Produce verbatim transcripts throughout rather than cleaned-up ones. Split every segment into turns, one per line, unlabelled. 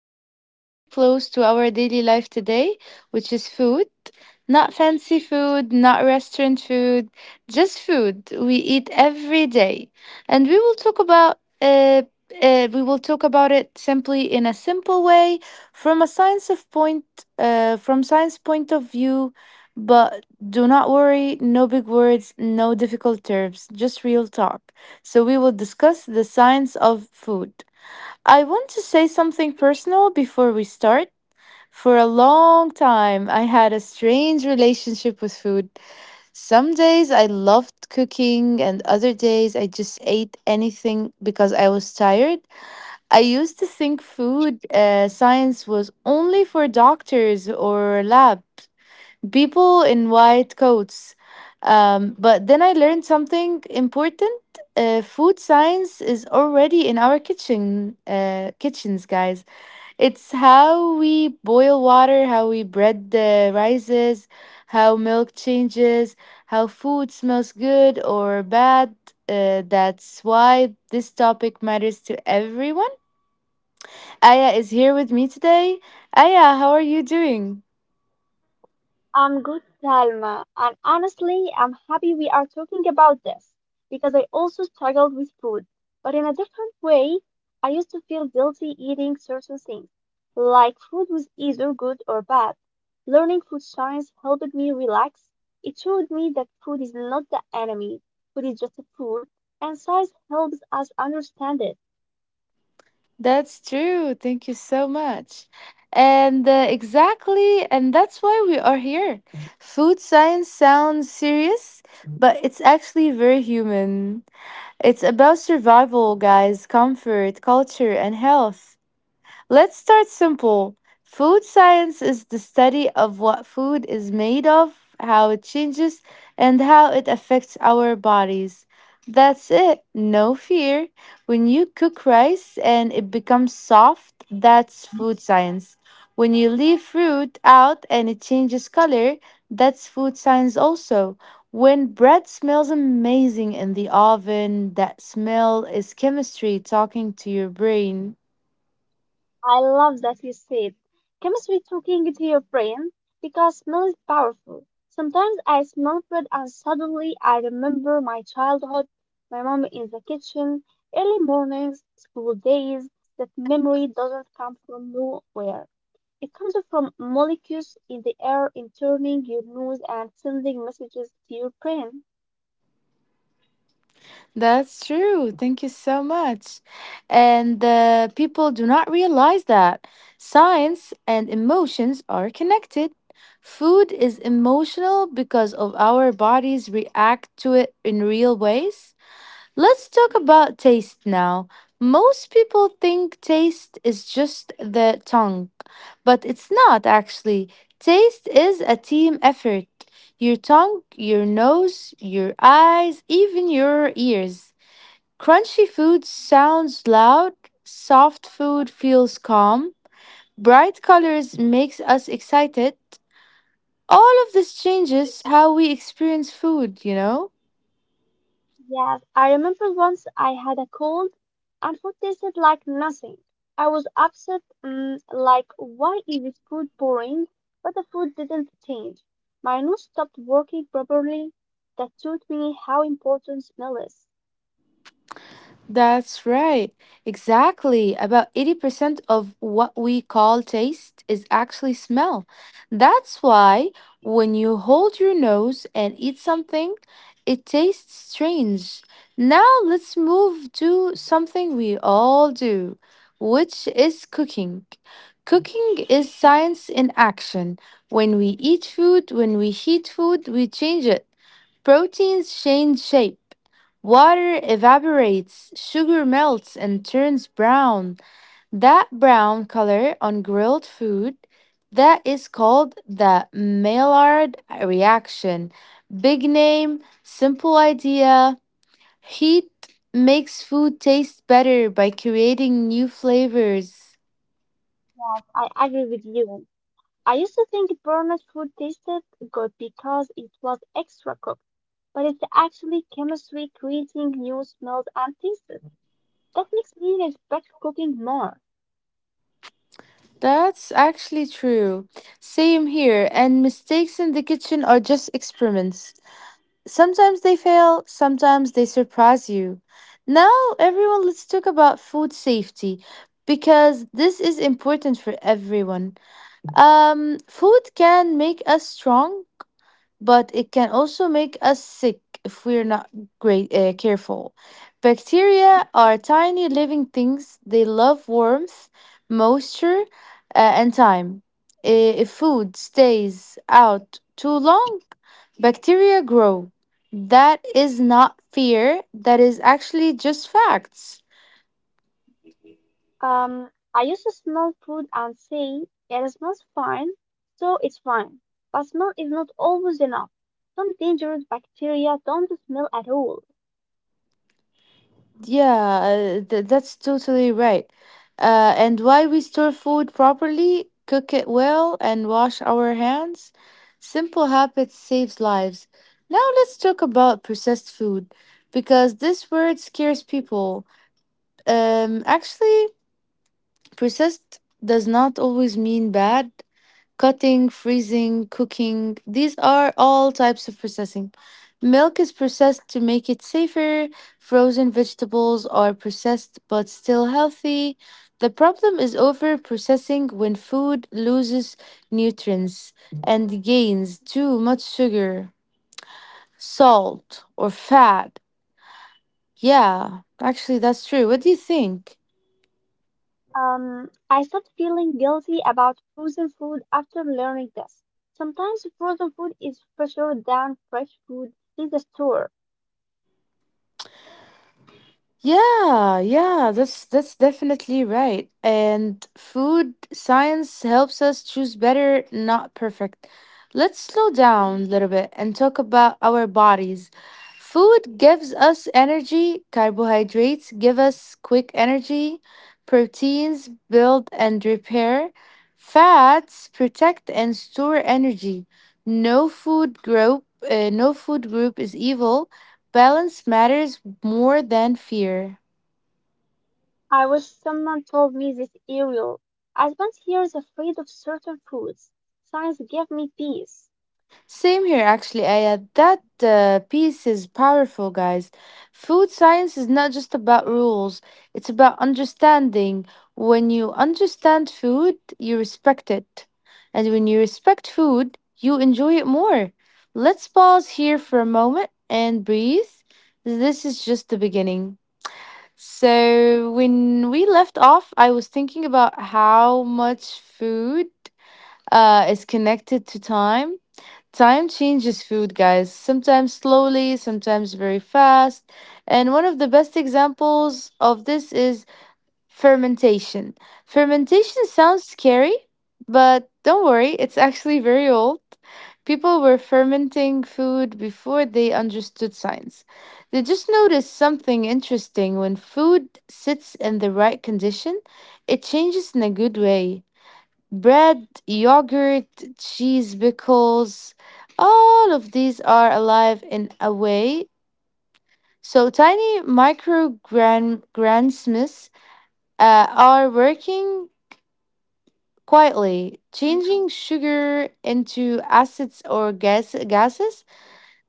uh, something very close to our daily life today, which is food. Not fancy food, not restaurant food, just food we eat every day. And we will talk about uh, uh, we will talk about it simply in a simple way, from a science of point, uh, from science point of view, but do not worry, no big words, no difficult terms, just real talk. So, we will discuss the science of food. I want to say something personal before we start. For a long time, I had a strange relationship with food. Some days I loved cooking, and other days I just ate anything because I was tired. I used to think food uh, science was only for doctors or labs people in white coats. Um, but then I learned something important. Uh, food science is already in our kitchen uh, kitchens, guys. It's how we boil water, how we bread uh, rises, how milk changes, how food smells good or bad. Uh, that's why this topic matters to everyone. Aya is here with me today. Aya, how are you doing?
I'm good, Talma, and honestly, I'm happy we are talking about this because I also struggled with food, but in a different way. I used to feel guilty eating certain things, like food was either good or bad. Learning food science helped me relax. It showed me that food is not the enemy, food is just a food, and science helps us understand it.
That's true. Thank you so much. And uh, exactly, and that's why we are here. Food science sounds serious, but it's actually very human. It's about survival, guys, comfort, culture, and health. Let's start simple. Food science is the study of what food is made of, how it changes, and how it affects our bodies. That's it. No fear. When you cook rice and it becomes soft, that's food science. When you leave fruit out and it changes color, that's food science also. When bread smells amazing in the oven, that smell is chemistry talking to your brain.
I love that you said chemistry talking to your brain because smell is powerful. Sometimes I smell food and suddenly I remember my childhood, my mom in the kitchen, early mornings, school days. That memory doesn't come from nowhere. It comes from molecules in the air in turning your nose and sending messages to your brain.
That's true. Thank you so much. And uh, people do not realize that science and emotions are connected. Food is emotional because of our bodies react to it in real ways. Let's talk about taste now. Most people think taste is just the tongue, but it's not actually. Taste is a team effort. Your tongue, your nose, your eyes, even your ears. Crunchy food sounds loud, soft food feels calm, bright colors makes us excited. All of this changes how we experience food, you know?
Yes, I remember once I had a cold and food tasted like nothing. I was upset, mm, like, why is this food boring? But the food didn't change. My nose stopped working properly. That taught me how important smell is.
That's right. Exactly. About eighty percent of what we call taste is actually smell. That's why when you hold your nose and eat something, it tastes strange. Now let's move to something we all do, which is cooking. Cooking is science in action. When we eat food, when we heat food, we change it. Proteins change shape. Water evaporates, sugar melts and turns brown. That brown color on grilled food, that is called the Maillard reaction. Big name, simple idea. Heat makes food taste better by creating new flavors.
Yes, I agree with you. I used to think burnt food tasted good because it was extra cooked, but it's actually chemistry creating new smells and tastes. That makes me respect cooking more.
That's actually true. Same here, and mistakes in the kitchen are just experiments. Sometimes they fail, sometimes they surprise you. Now, everyone, let's talk about food safety because this is important for everyone. Um, food can make us strong, but it can also make us sick if we're not great uh, careful. Bacteria are tiny living things. They love warmth, moisture, uh, and time. I- If food stays out too long, bacteria grow. That is not fear. That is actually just facts.
Um, I used to smell food and say, it smells fine, so it's fine. But smell is not always enough. Some dangerous bacteria don't smell at all.
Yeah, uh, th- that's totally right. Uh, and why we store food properly, cook it well, and wash our hands. Simple habits saves lives. Now let's talk about processed food because this word scares people. Um, actually, processed does not always mean bad. Cutting, freezing, cooking. These are all types of processing. Milk is processed to make it safer. Frozen vegetables are processed but still healthy. The problem is over processing when food loses nutrients and gains too much sugar, salt, or fat. Yeah, actually, that's true. What do you think?
Um, I started feeling guilty about frozen food after learning this. Sometimes frozen food is fresher than fresh food in the store.
Yeah, yeah, that's that's definitely right. And food science helps us choose better, not perfect. Let's slow down a
Mhm.
little bit and talk about our bodies. Food gives us energy, carbohydrates give us quick energy, proteins build and repair, fats protect and store energy. No food group, uh, no food group is evil. Balance matters more than fear.
I wish someone told me this earlier. I spent years afraid of certain foods. Science gave me peace.
Same here, actually, Aya. That uh, piece is powerful, guys. Food science is not just about rules, it's about understanding. When you understand food, you respect it. And when you respect food, you enjoy it more. Let's pause here for a moment and breathe. This is just the beginning. So, when we left off, I was thinking about how much food uh, is connected to time. Time changes food, guys, sometimes slowly, sometimes very fast. And one of the best examples of this is fermentation. Fermentation sounds scary, but don't worry, it's actually very old. People were fermenting food before they understood science. They just noticed something interesting when food sits in the right condition, it changes in a good way: bread, yogurt, cheese, pickles, all of these are alive in a way. So tiny micro gran- grandsmiths uh, are working quietly,
Mm.
changing sugar into acids or gas- gases.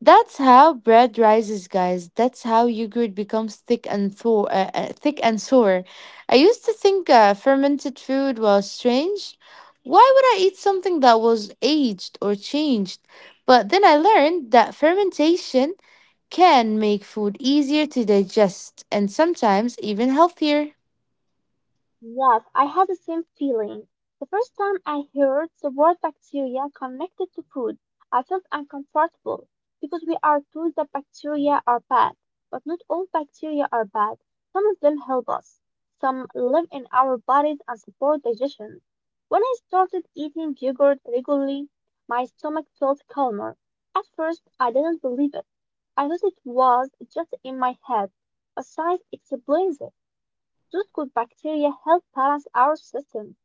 That's how bread rises, guys. That's how yogurt becomes thick and thaw- uh, uh, thick and sour. I used to think uh, fermented food was strange. Why would I eat something that was aged or changed? But then I learned that fermentation can make food easier to digest and sometimes even healthier.
Yes, I had the same feeling. The first time I heard the word bacteria connected to food, I felt uncomfortable because we are told that bacteria are bad, but not all bacteria are bad. Some of them help us. Some live in our bodies and support digestion. When I started eating yogurt regularly, my stomach felt calmer. At first, I didn't believe it. I thought it was just in my head, but science explains it. Those good bacteria help balance our system.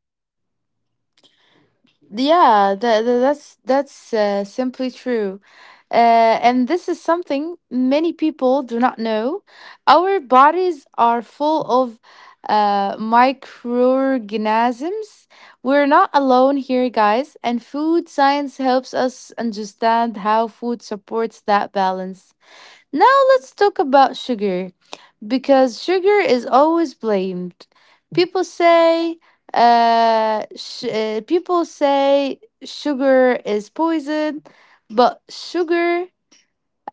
Yeah, that, that's that's uh, simply true. Uh, and this is something many people do not know. Our bodies are full of uh, microorganisms. We're not alone here, guys. And food science helps us understand how food supports that balance. Now let's talk about sugar because sugar is always blamed. People say, uh, sh- uh, People say sugar is poison, but sugar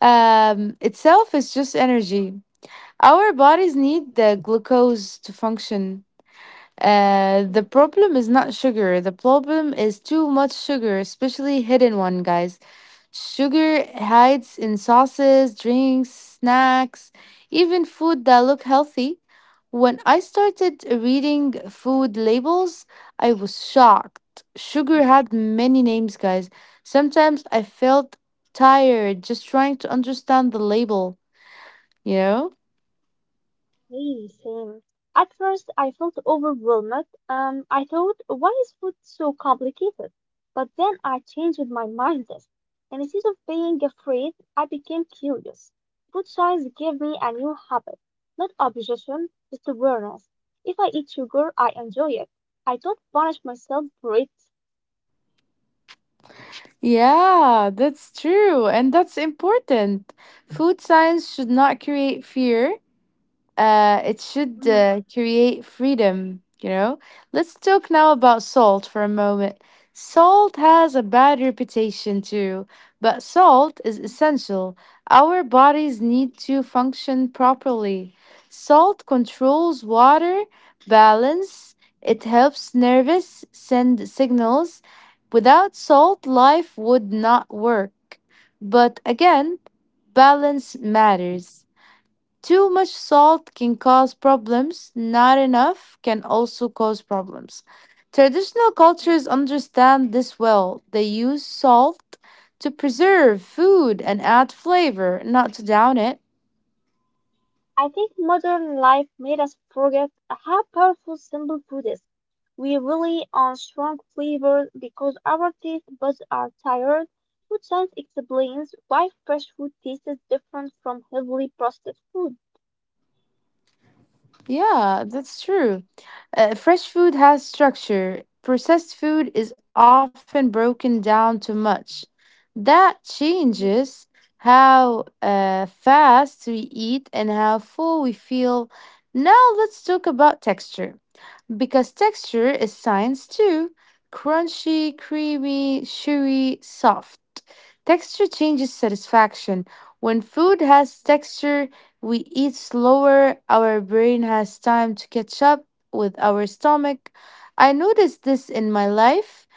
um, itself is just energy. Our bodies need the glucose to function. Uh, the problem is not sugar. The problem is too much sugar, especially hidden one, guys. Sugar hides in sauces, drinks, snacks, even food that look healthy. When I started reading food labels, I was shocked. Sugar had many names, guys. Sometimes I felt tired just trying to understand the label, you know?
Really same. At first, I felt overwhelmed. Um, I thought, why is food so complicated? But then I changed my mindset. And instead of being afraid, I became curious. Food science gave me a new habit, not obsession, just awareness. If I eat sugar, I enjoy it. I don't punish myself for it.
Yeah, that's true, and that's important. Food science should not create fear. Uh, it should
Mhm.
uh, create freedom, you know? Let's talk now about salt for a moment. Salt has a bad reputation too, but salt is essential. Our bodies need to function properly. Salt controls water balance, it helps nerves send signals. Without salt, life would not work. But again, balance matters. Too much salt can cause problems, not enough can also cause problems. Traditional cultures understand this well. They use salt to preserve food and add flavor, not to down it.
I think modern life made us forget how powerful simple food is. We rely on strong flavors because our taste buds are tired. Food science explains why fresh food tastes different from heavily processed food.
Yeah, that's true. Uh, fresh food has structure. Processed food is often broken down too much. That changes how uh, fast we eat and how full we feel. Now, let's talk about texture. Because texture is science too. Crunchy, creamy, chewy, soft. Texture changes satisfaction. When food has texture, we eat slower, our brain has time to catch up with our stomach. I noticed this in my life.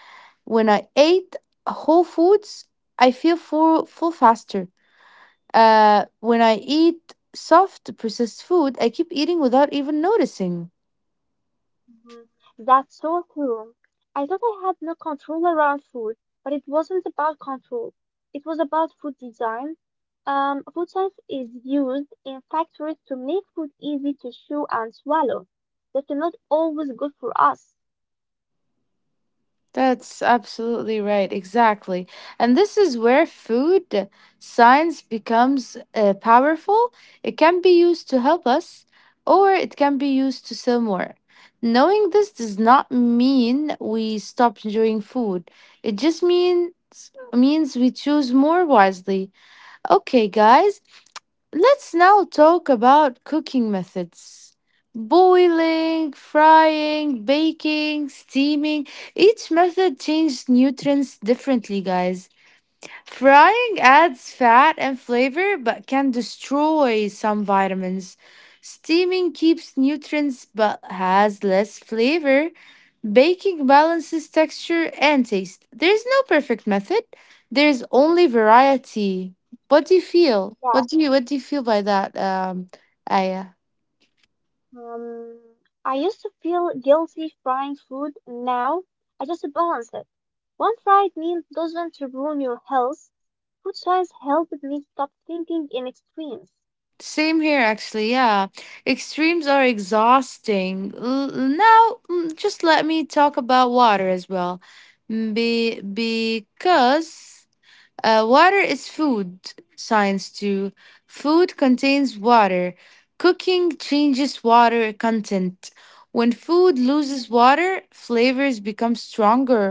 When I ate whole foods, I feel full, full faster. Uh, when I eat soft processed food, I keep eating without even noticing.
Mhm. That's so true. I thought I had no control around food, but it wasn't about control. It was about food design. Um, food science is used in factories to make food easy to chew and swallow. That's not always good for us.
That's absolutely right. Exactly. And this is where food science becomes uh, powerful. It can be used to help us or it can be used to sell more. Knowing this does not mean we stop enjoying food. It just means means we choose more wisely. Okay, guys, let's now talk about cooking methods. Boiling, frying, baking, steaming. Each method changes nutrients differently, guys. Frying adds fat and flavor but can destroy some vitamins. Steaming keeps nutrients but has less flavor. Baking balances texture and taste. There's no perfect method. There's only variety. What do you feel?
Yeah.
What do you what do you feel by that, um, Aya?
Um, I used to feel guilty frying food. Now I just balance it. One fried meal doesn't ruin your health. Food science helped me stop thinking in extremes.
Same here, actually. Yeah, extremes are exhausting. L- now, mm, just let me talk about water as well. Mm, be Because uh, water is food. Science too. Food contains water. Cooking changes water content. When food loses water, flavors become stronger.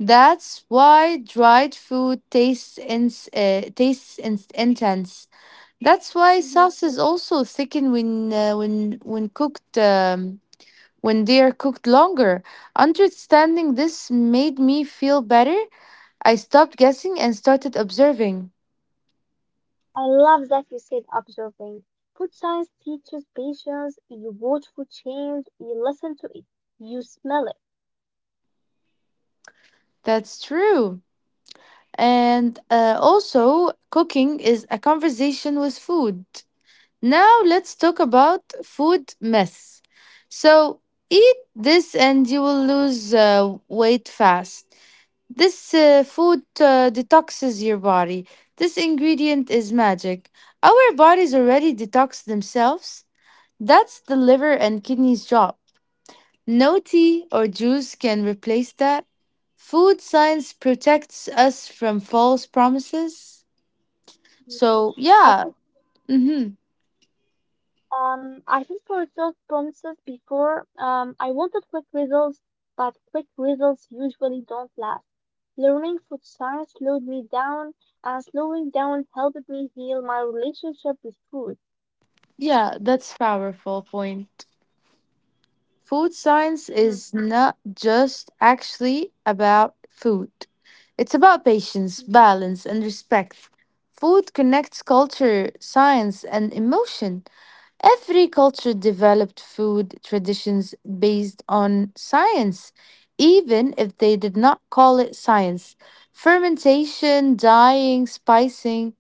That's why dried food tastes in, uh, tastes in- intense. That's why
Mhm.
sauces also thicken when uh, when when cooked um, when they are cooked longer. Understanding this made me feel better. I stopped guessing and started observing.
I love that you said observing. Food science teaches patience. You watch food change, you listen to it, you smell it.
That's true. And uh, also, cooking is a conversation with food. Now let's talk about food mess. So eat this and you will lose uh, weight fast. This uh, food uh, detoxes your body. This ingredient is magic. Our bodies already detox themselves. That's the liver and kidneys' job. No tea or juice can replace that. Food science protects us from false promises.
Mm.
So,
I
yeah,
think,
hmm,
um, I think for itself promises before, um, I wanted quick results, but quick results usually don't last. Learning food science slowed me down, and slowing down helped me heal my relationship with food.
yeah, that's powerful point. Food science
Mhm.
is not just actually about food. It's about patience,
Mhm.
balance, and respect. Food connects culture, science, and emotion. Every culture developed food traditions based on science, even if they did not call it science. Fermentation, dyeing, spicing,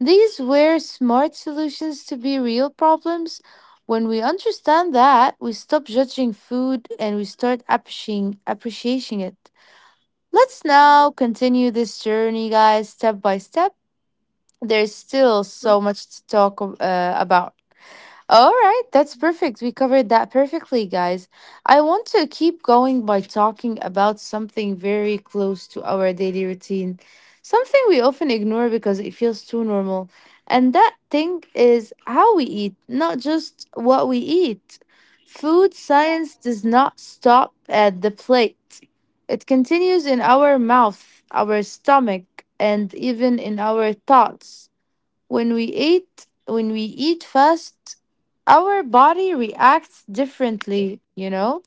these were smart solutions to be real problems. When we understand that, we stop judging food and we start appreciating appreciating it. Let's now continue this journey, guys, step by step. There's still
Mhm.
so much to talk uh, about. All right, that's
Mhm,
perfect. We covered that perfectly, guys. I want to keep going by talking about something very close to our daily routine, something we often ignore because it feels too normal. And that thing is how we eat, not just what we eat. Food science does not stop at the plate, it continues in our mouth, our stomach, and even in our thoughts. When we eat, when we eat fast, our body reacts differently, you know?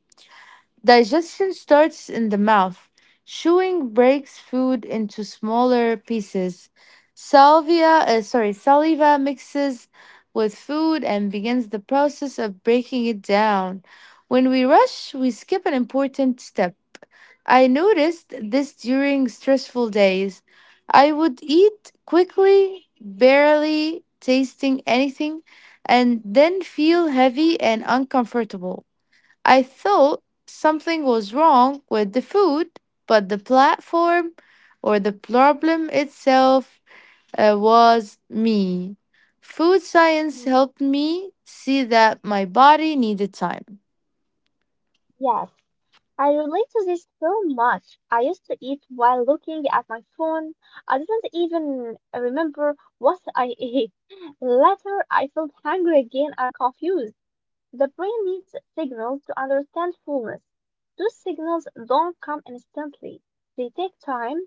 Digestion starts in the mouth. Chewing breaks food into smaller pieces. Salvia, uh, sorry, saliva mixes with food and begins the process of breaking it down. When we rush, we skip an important step. I noticed this during stressful days. I would eat quickly, barely tasting anything, and then feel heavy and uncomfortable. I thought something was wrong with the food, but the platform or the problem itself uh, was me. Food science
mhm.
helped me see that my body needed time.
Yes. I relate to this so much. I used to eat while looking at my phone. I didn't even remember what I ate. Later, I felt hungry again and confused. The brain needs signals to understand fullness. Those signals don't come instantly, they take time.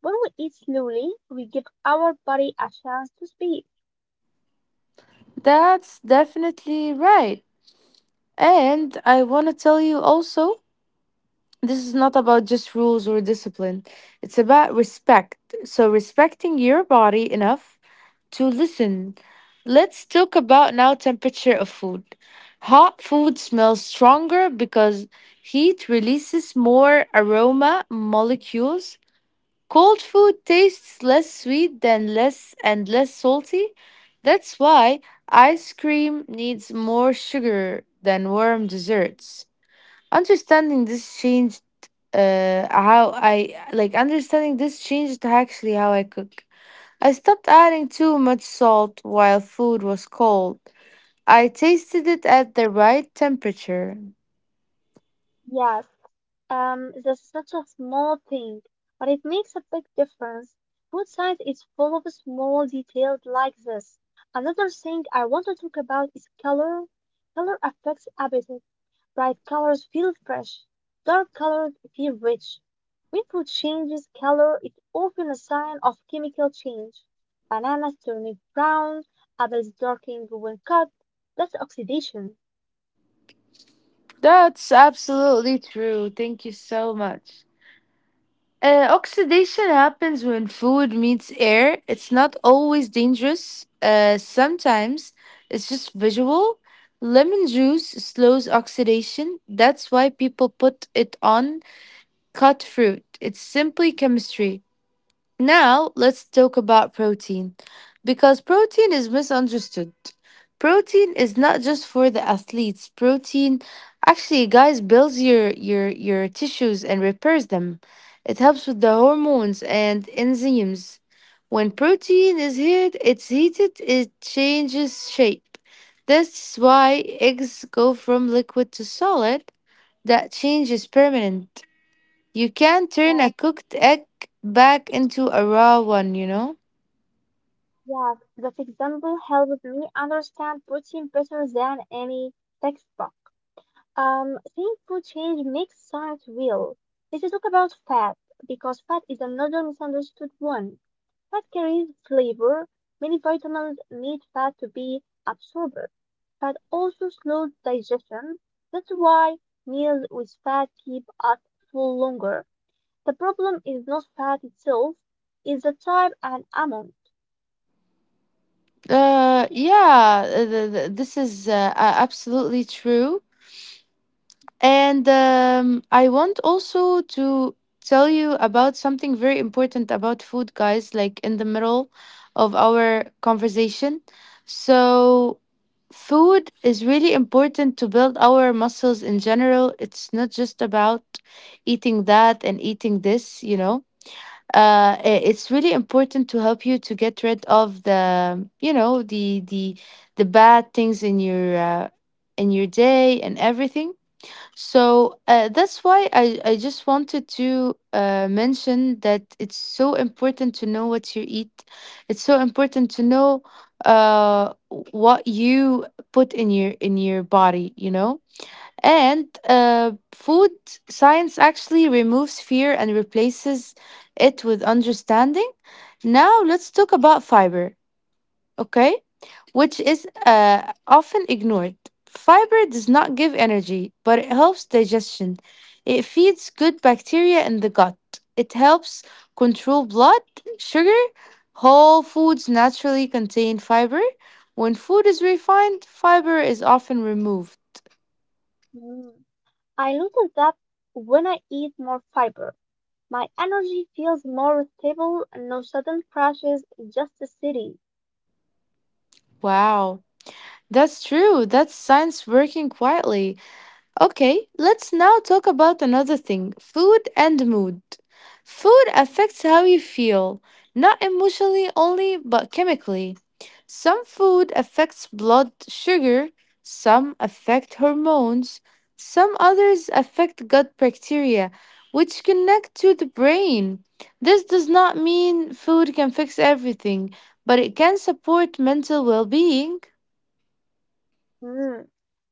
When we eat slowly, we give our body a chance to speak.
That's definitely right. And I want to tell you also this is not about just rules or discipline, it's about respect. So, respecting your body enough to listen. Let's talk about now temperature of food. Hot food smells stronger because heat releases more aroma molecules. Cold food tastes less sweet than less and less salty. That's why ice cream needs more sugar than warm desserts. Understanding this changed uh, how I like understanding this changed actually how I cook. I stopped adding too much salt while food was cold. I tasted it at the right temperature.
Yes, Um, that's such a small thing, but it makes a big difference. Food science is full of small details like this. Another thing I want to talk about is color. Color affects appetite. Bright colors feel fresh. Dark colors feel rich. When food changes color, it's often a sign of chemical change. Bananas turning brown, apples darkening when cut. That's oxidation.
That's absolutely true. Thank you so much. Uh, oxidation happens when food meets air. It's not always dangerous. Uh, sometimes it's just visual. Lemon juice slows oxidation. That's why people put it on cut fruit. It's simply chemistry. Now, let's talk about protein because protein is misunderstood. Protein is not just for the athletes. Protein actually guys builds your your your tissues and repairs them. It helps with the hormones and enzymes. When protein is heat, it's heated, it changes shape. That's why eggs go from liquid to solid. That change is permanent. You can turn a cooked egg back into a raw one, you know?
Yeah, that example helped me understand protein better than any textbook. Um, seeing food change makes science real. Let's talk about fat, because fat is another misunderstood one. Fat carries flavor. Many vitamins need fat to be absorbed. Fat also slows digestion. That's why meals with fat keep us full longer. The problem is not fat itself, it's the type and amount.
Uh, yeah, th- th- this is uh, a- absolutely true. And um, I want also to tell you about something very important about food, guys, like in the middle of our conversation. So, food is really important to build our muscles in general. It's not just about eating that and eating this, you know? Uh, i- it's really important to help you to get rid of the you know the the the bad things in your uh, in your day and everything so uh, that's why I, I just wanted to uh, mention that it's so important to know what you eat, it's so important to know uh, what you put in your in your body, you know, and uh, food science actually removes fear and replaces it with understanding. Now, let's talk about fiber, okay? Which is uh, often ignored. Fiber does not give energy, but it helps digestion. It feeds good bacteria in the gut. It helps control blood sugar. Whole foods naturally contain fiber. When food is refined, fiber is often removed.
Hmm. I notice that when I eat more fiber, my energy feels more stable and no sudden crashes, just steady.
Wow. That's true. That's science working quietly. Okay, let's now talk about another thing, food and mood. Food affects how you feel, not emotionally only, but chemically. Some food affects blood sugar, some affect hormones, some others affect gut bacteria, which connect to the brain. This does not mean food can fix everything, but it can support mental well being.
Mm.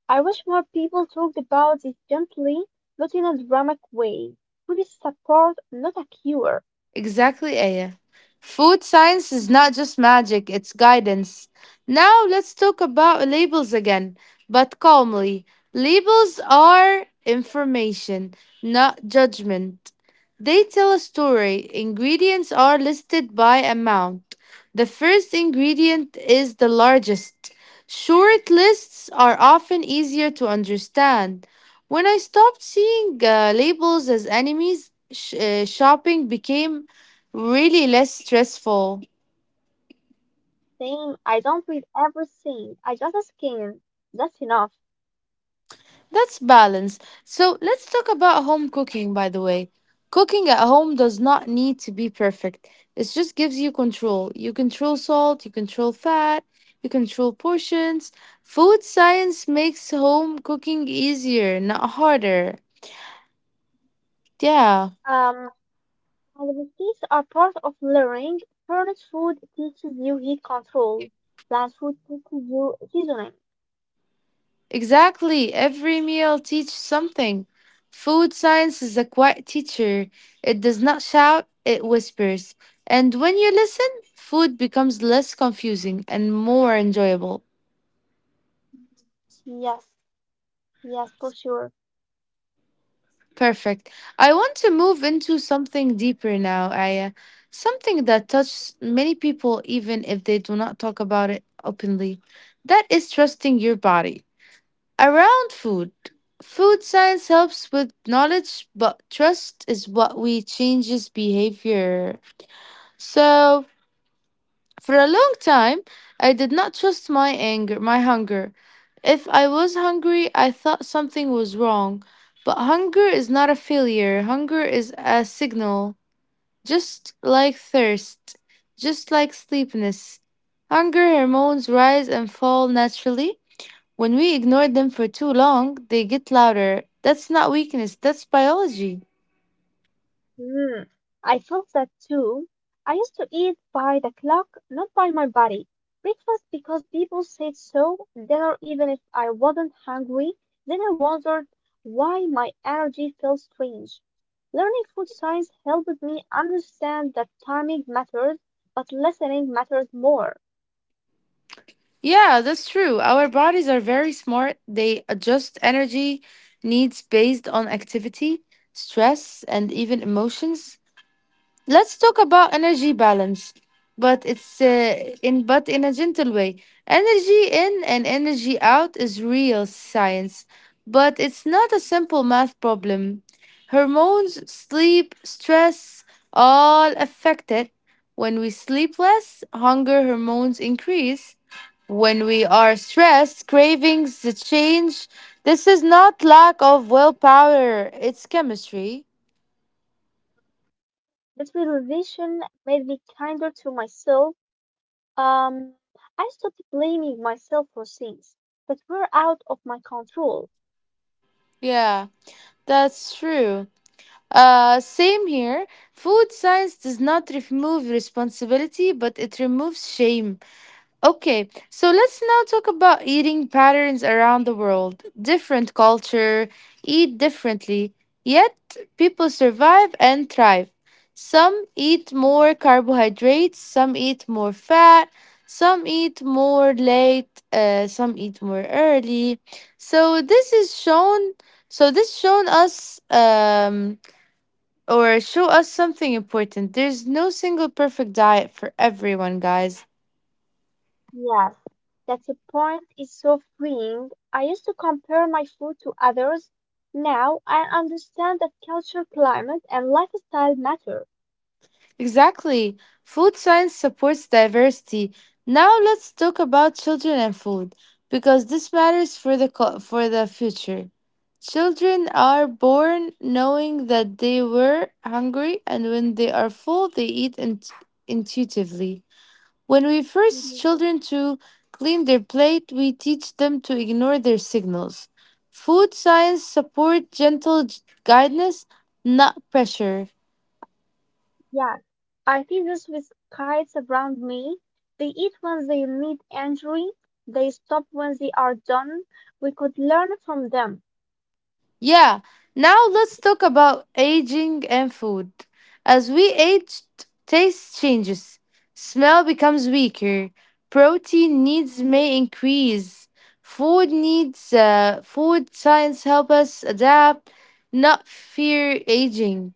I wish more people talked about this gently, not in a dramatic way. Food is support, not a cure.
Exactly, Aya. Food science is not just magic, it's guidance. Now let's talk about labels again, but calmly. Labels are information, not judgment. They tell a story. Ingredients are listed by amount. The first ingredient is the largest. Short lists are often easier to understand. When I stopped seeing uh, labels as enemies, sh- uh, shopping became really less stressful.
Same, I don't read everything, I just scan. That's enough.
That's balance. So let's talk about home cooking, by the way. Cooking at home does not need to be perfect. It just gives you control. You control salt, you control fat, you control portions. Food science makes home cooking easier, not harder. Yeah.
Um, and the things are part of learning. Furnished food teaches you heat control. Plant food teaches you seasoning.
Exactly. Every meal teaches something. Food science is a quiet teacher. It does not shout, it whispers. And when you listen, food becomes less confusing and more enjoyable.
Yes. Yes, for sure.
Perfect. I want to move into something deeper now, Aya. Something that touches many people even if they do not talk about it openly. That is trusting your body. Around food, food science helps with knowledge, but trust is what we changes behavior. So, for a long time, I did not trust my anger, my hunger. If I was hungry, I thought something was wrong. But hunger is not a failure. Hunger is a signal, just like thirst, just like sleepiness. Hunger hormones rise and fall naturally. When we ignore them for too long, they get louder. That's not weakness, that's biology.
Hmm. I felt that too. I used to eat by the clock, not by my body. Breakfast because people said so, dinner even if I wasn't hungry. Then I wondered why my energy felt strange. Learning food science helped me understand that timing matters, but listening matters more.
Yeah, that's true. Our bodies are very smart. They adjust energy needs based on activity, stress, and even emotions. Let's talk about energy balance, but it's uh, in but in a gentle way. Energy in and energy out is real science, but it's not a simple math problem. Hormones, sleep, stress, all affect it. When we sleep less, hunger hormones increase. When we are stressed, cravings change. This is not lack of willpower, it's chemistry.
That realization made me kinder to myself. Um, I stopped blaming myself for things that were out of my control.
Yeah, that's true. Uh, same here. Food science does not remove responsibility, but it removes shame. Okay, so let's now talk about eating patterns around the world. Different culture eat differently, yet people survive and thrive. Some eat more carbohydrates, some eat more fat, some eat more late, uh, some eat more early. So this is shown. So this shown us. Um, or show us something important. There's no single perfect diet for everyone, guys.
Yes, that's a point is so freeing. I used to compare my food to others. Now I understand that culture, climate, and lifestyle matter.
Exactly. Food science supports diversity. Now let's talk about children and food because this matters for the co- for the future. Children are born knowing that they were hungry and when they are full they eat int- intuitively. When we force
Mhm.
children to clean their plate, we teach them to ignore their signals. Food science support gentle g- guidance, not pressure.
Yes, I see this with kites around me. They eat when they need energy. They stop when they are done. We could learn from them.
Yeah, now let's talk about aging and food. As we age, t- taste changes. Smell becomes weaker. Protein needs may increase. Food needs uh, food science help us adapt, not fear aging.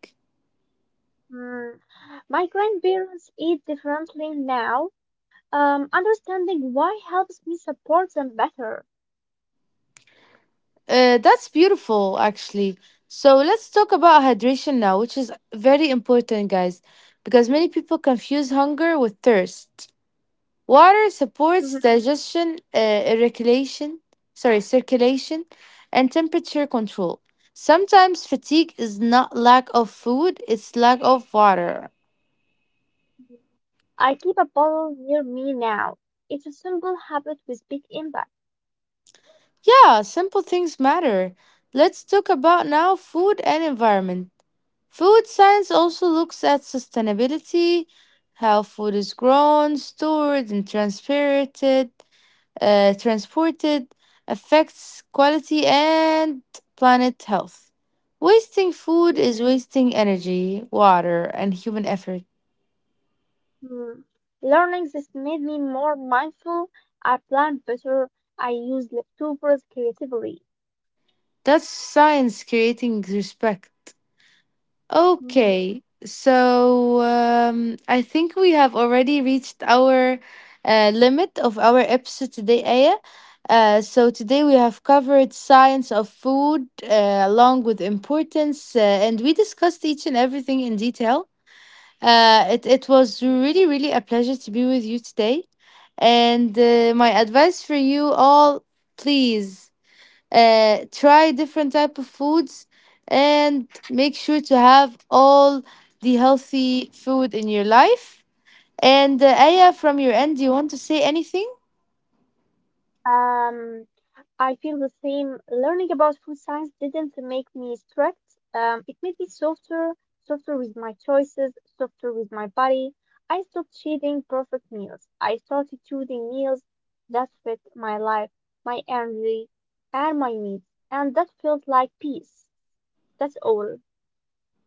Hmm. My grandparents eat differently now. Um, understanding why helps me support them better.
Uh, that's beautiful, actually. So let's talk about hydration now, which is very important, guys, because many people confuse hunger with thirst. Water supports
Mhm.
digestion, uh, regulation, sorry, circulation, and temperature control. Sometimes fatigue is not lack of food, it's lack of water.
I keep a bottle near me now. It's a simple habit with big impact.
Yeah, simple things matter. Let's talk about now food and environment. Food science also looks at sustainability, how food is grown, stored, and transpirated, uh, transported, affects quality and planet health. Wasting food
Mm.
is wasting energy, water, and human effort.
Hmm. Learning this made me more mindful. I plan better. I use leftovers creatively.
That's science creating respect.
Mhm.
Okay, so um, I think we have already reached our uh, limit of our episode today, Aya. Uh, so today we have covered science of food uh, along with importance, uh, and we discussed each and everything in detail. Uh, it it was really really a pleasure to be with you today, and uh, my advice for you all, please uh, try different type of foods and make sure to have all the healthy food in your life, and uh, Aya, from your end, do you want to say anything?
Um, I feel the same. Learning about food science didn't make me strict. Um, it made me softer, softer with my choices, softer with my body. I stopped chasing perfect meals. I started choosing meals that fit my life, my energy, and my needs. And that felt like peace. That's all.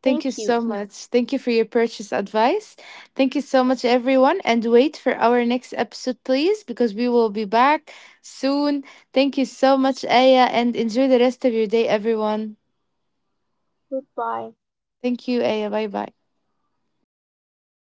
Thank you
Thank
so
you.
much, thank you for your purchase advice. Thank you so much everyone, and wait for our next episode please, because we will be back soon. Thank you so much, Aya, and enjoy the rest of your day everyone.
Goodbye.
Thank you, Aya, bye bye.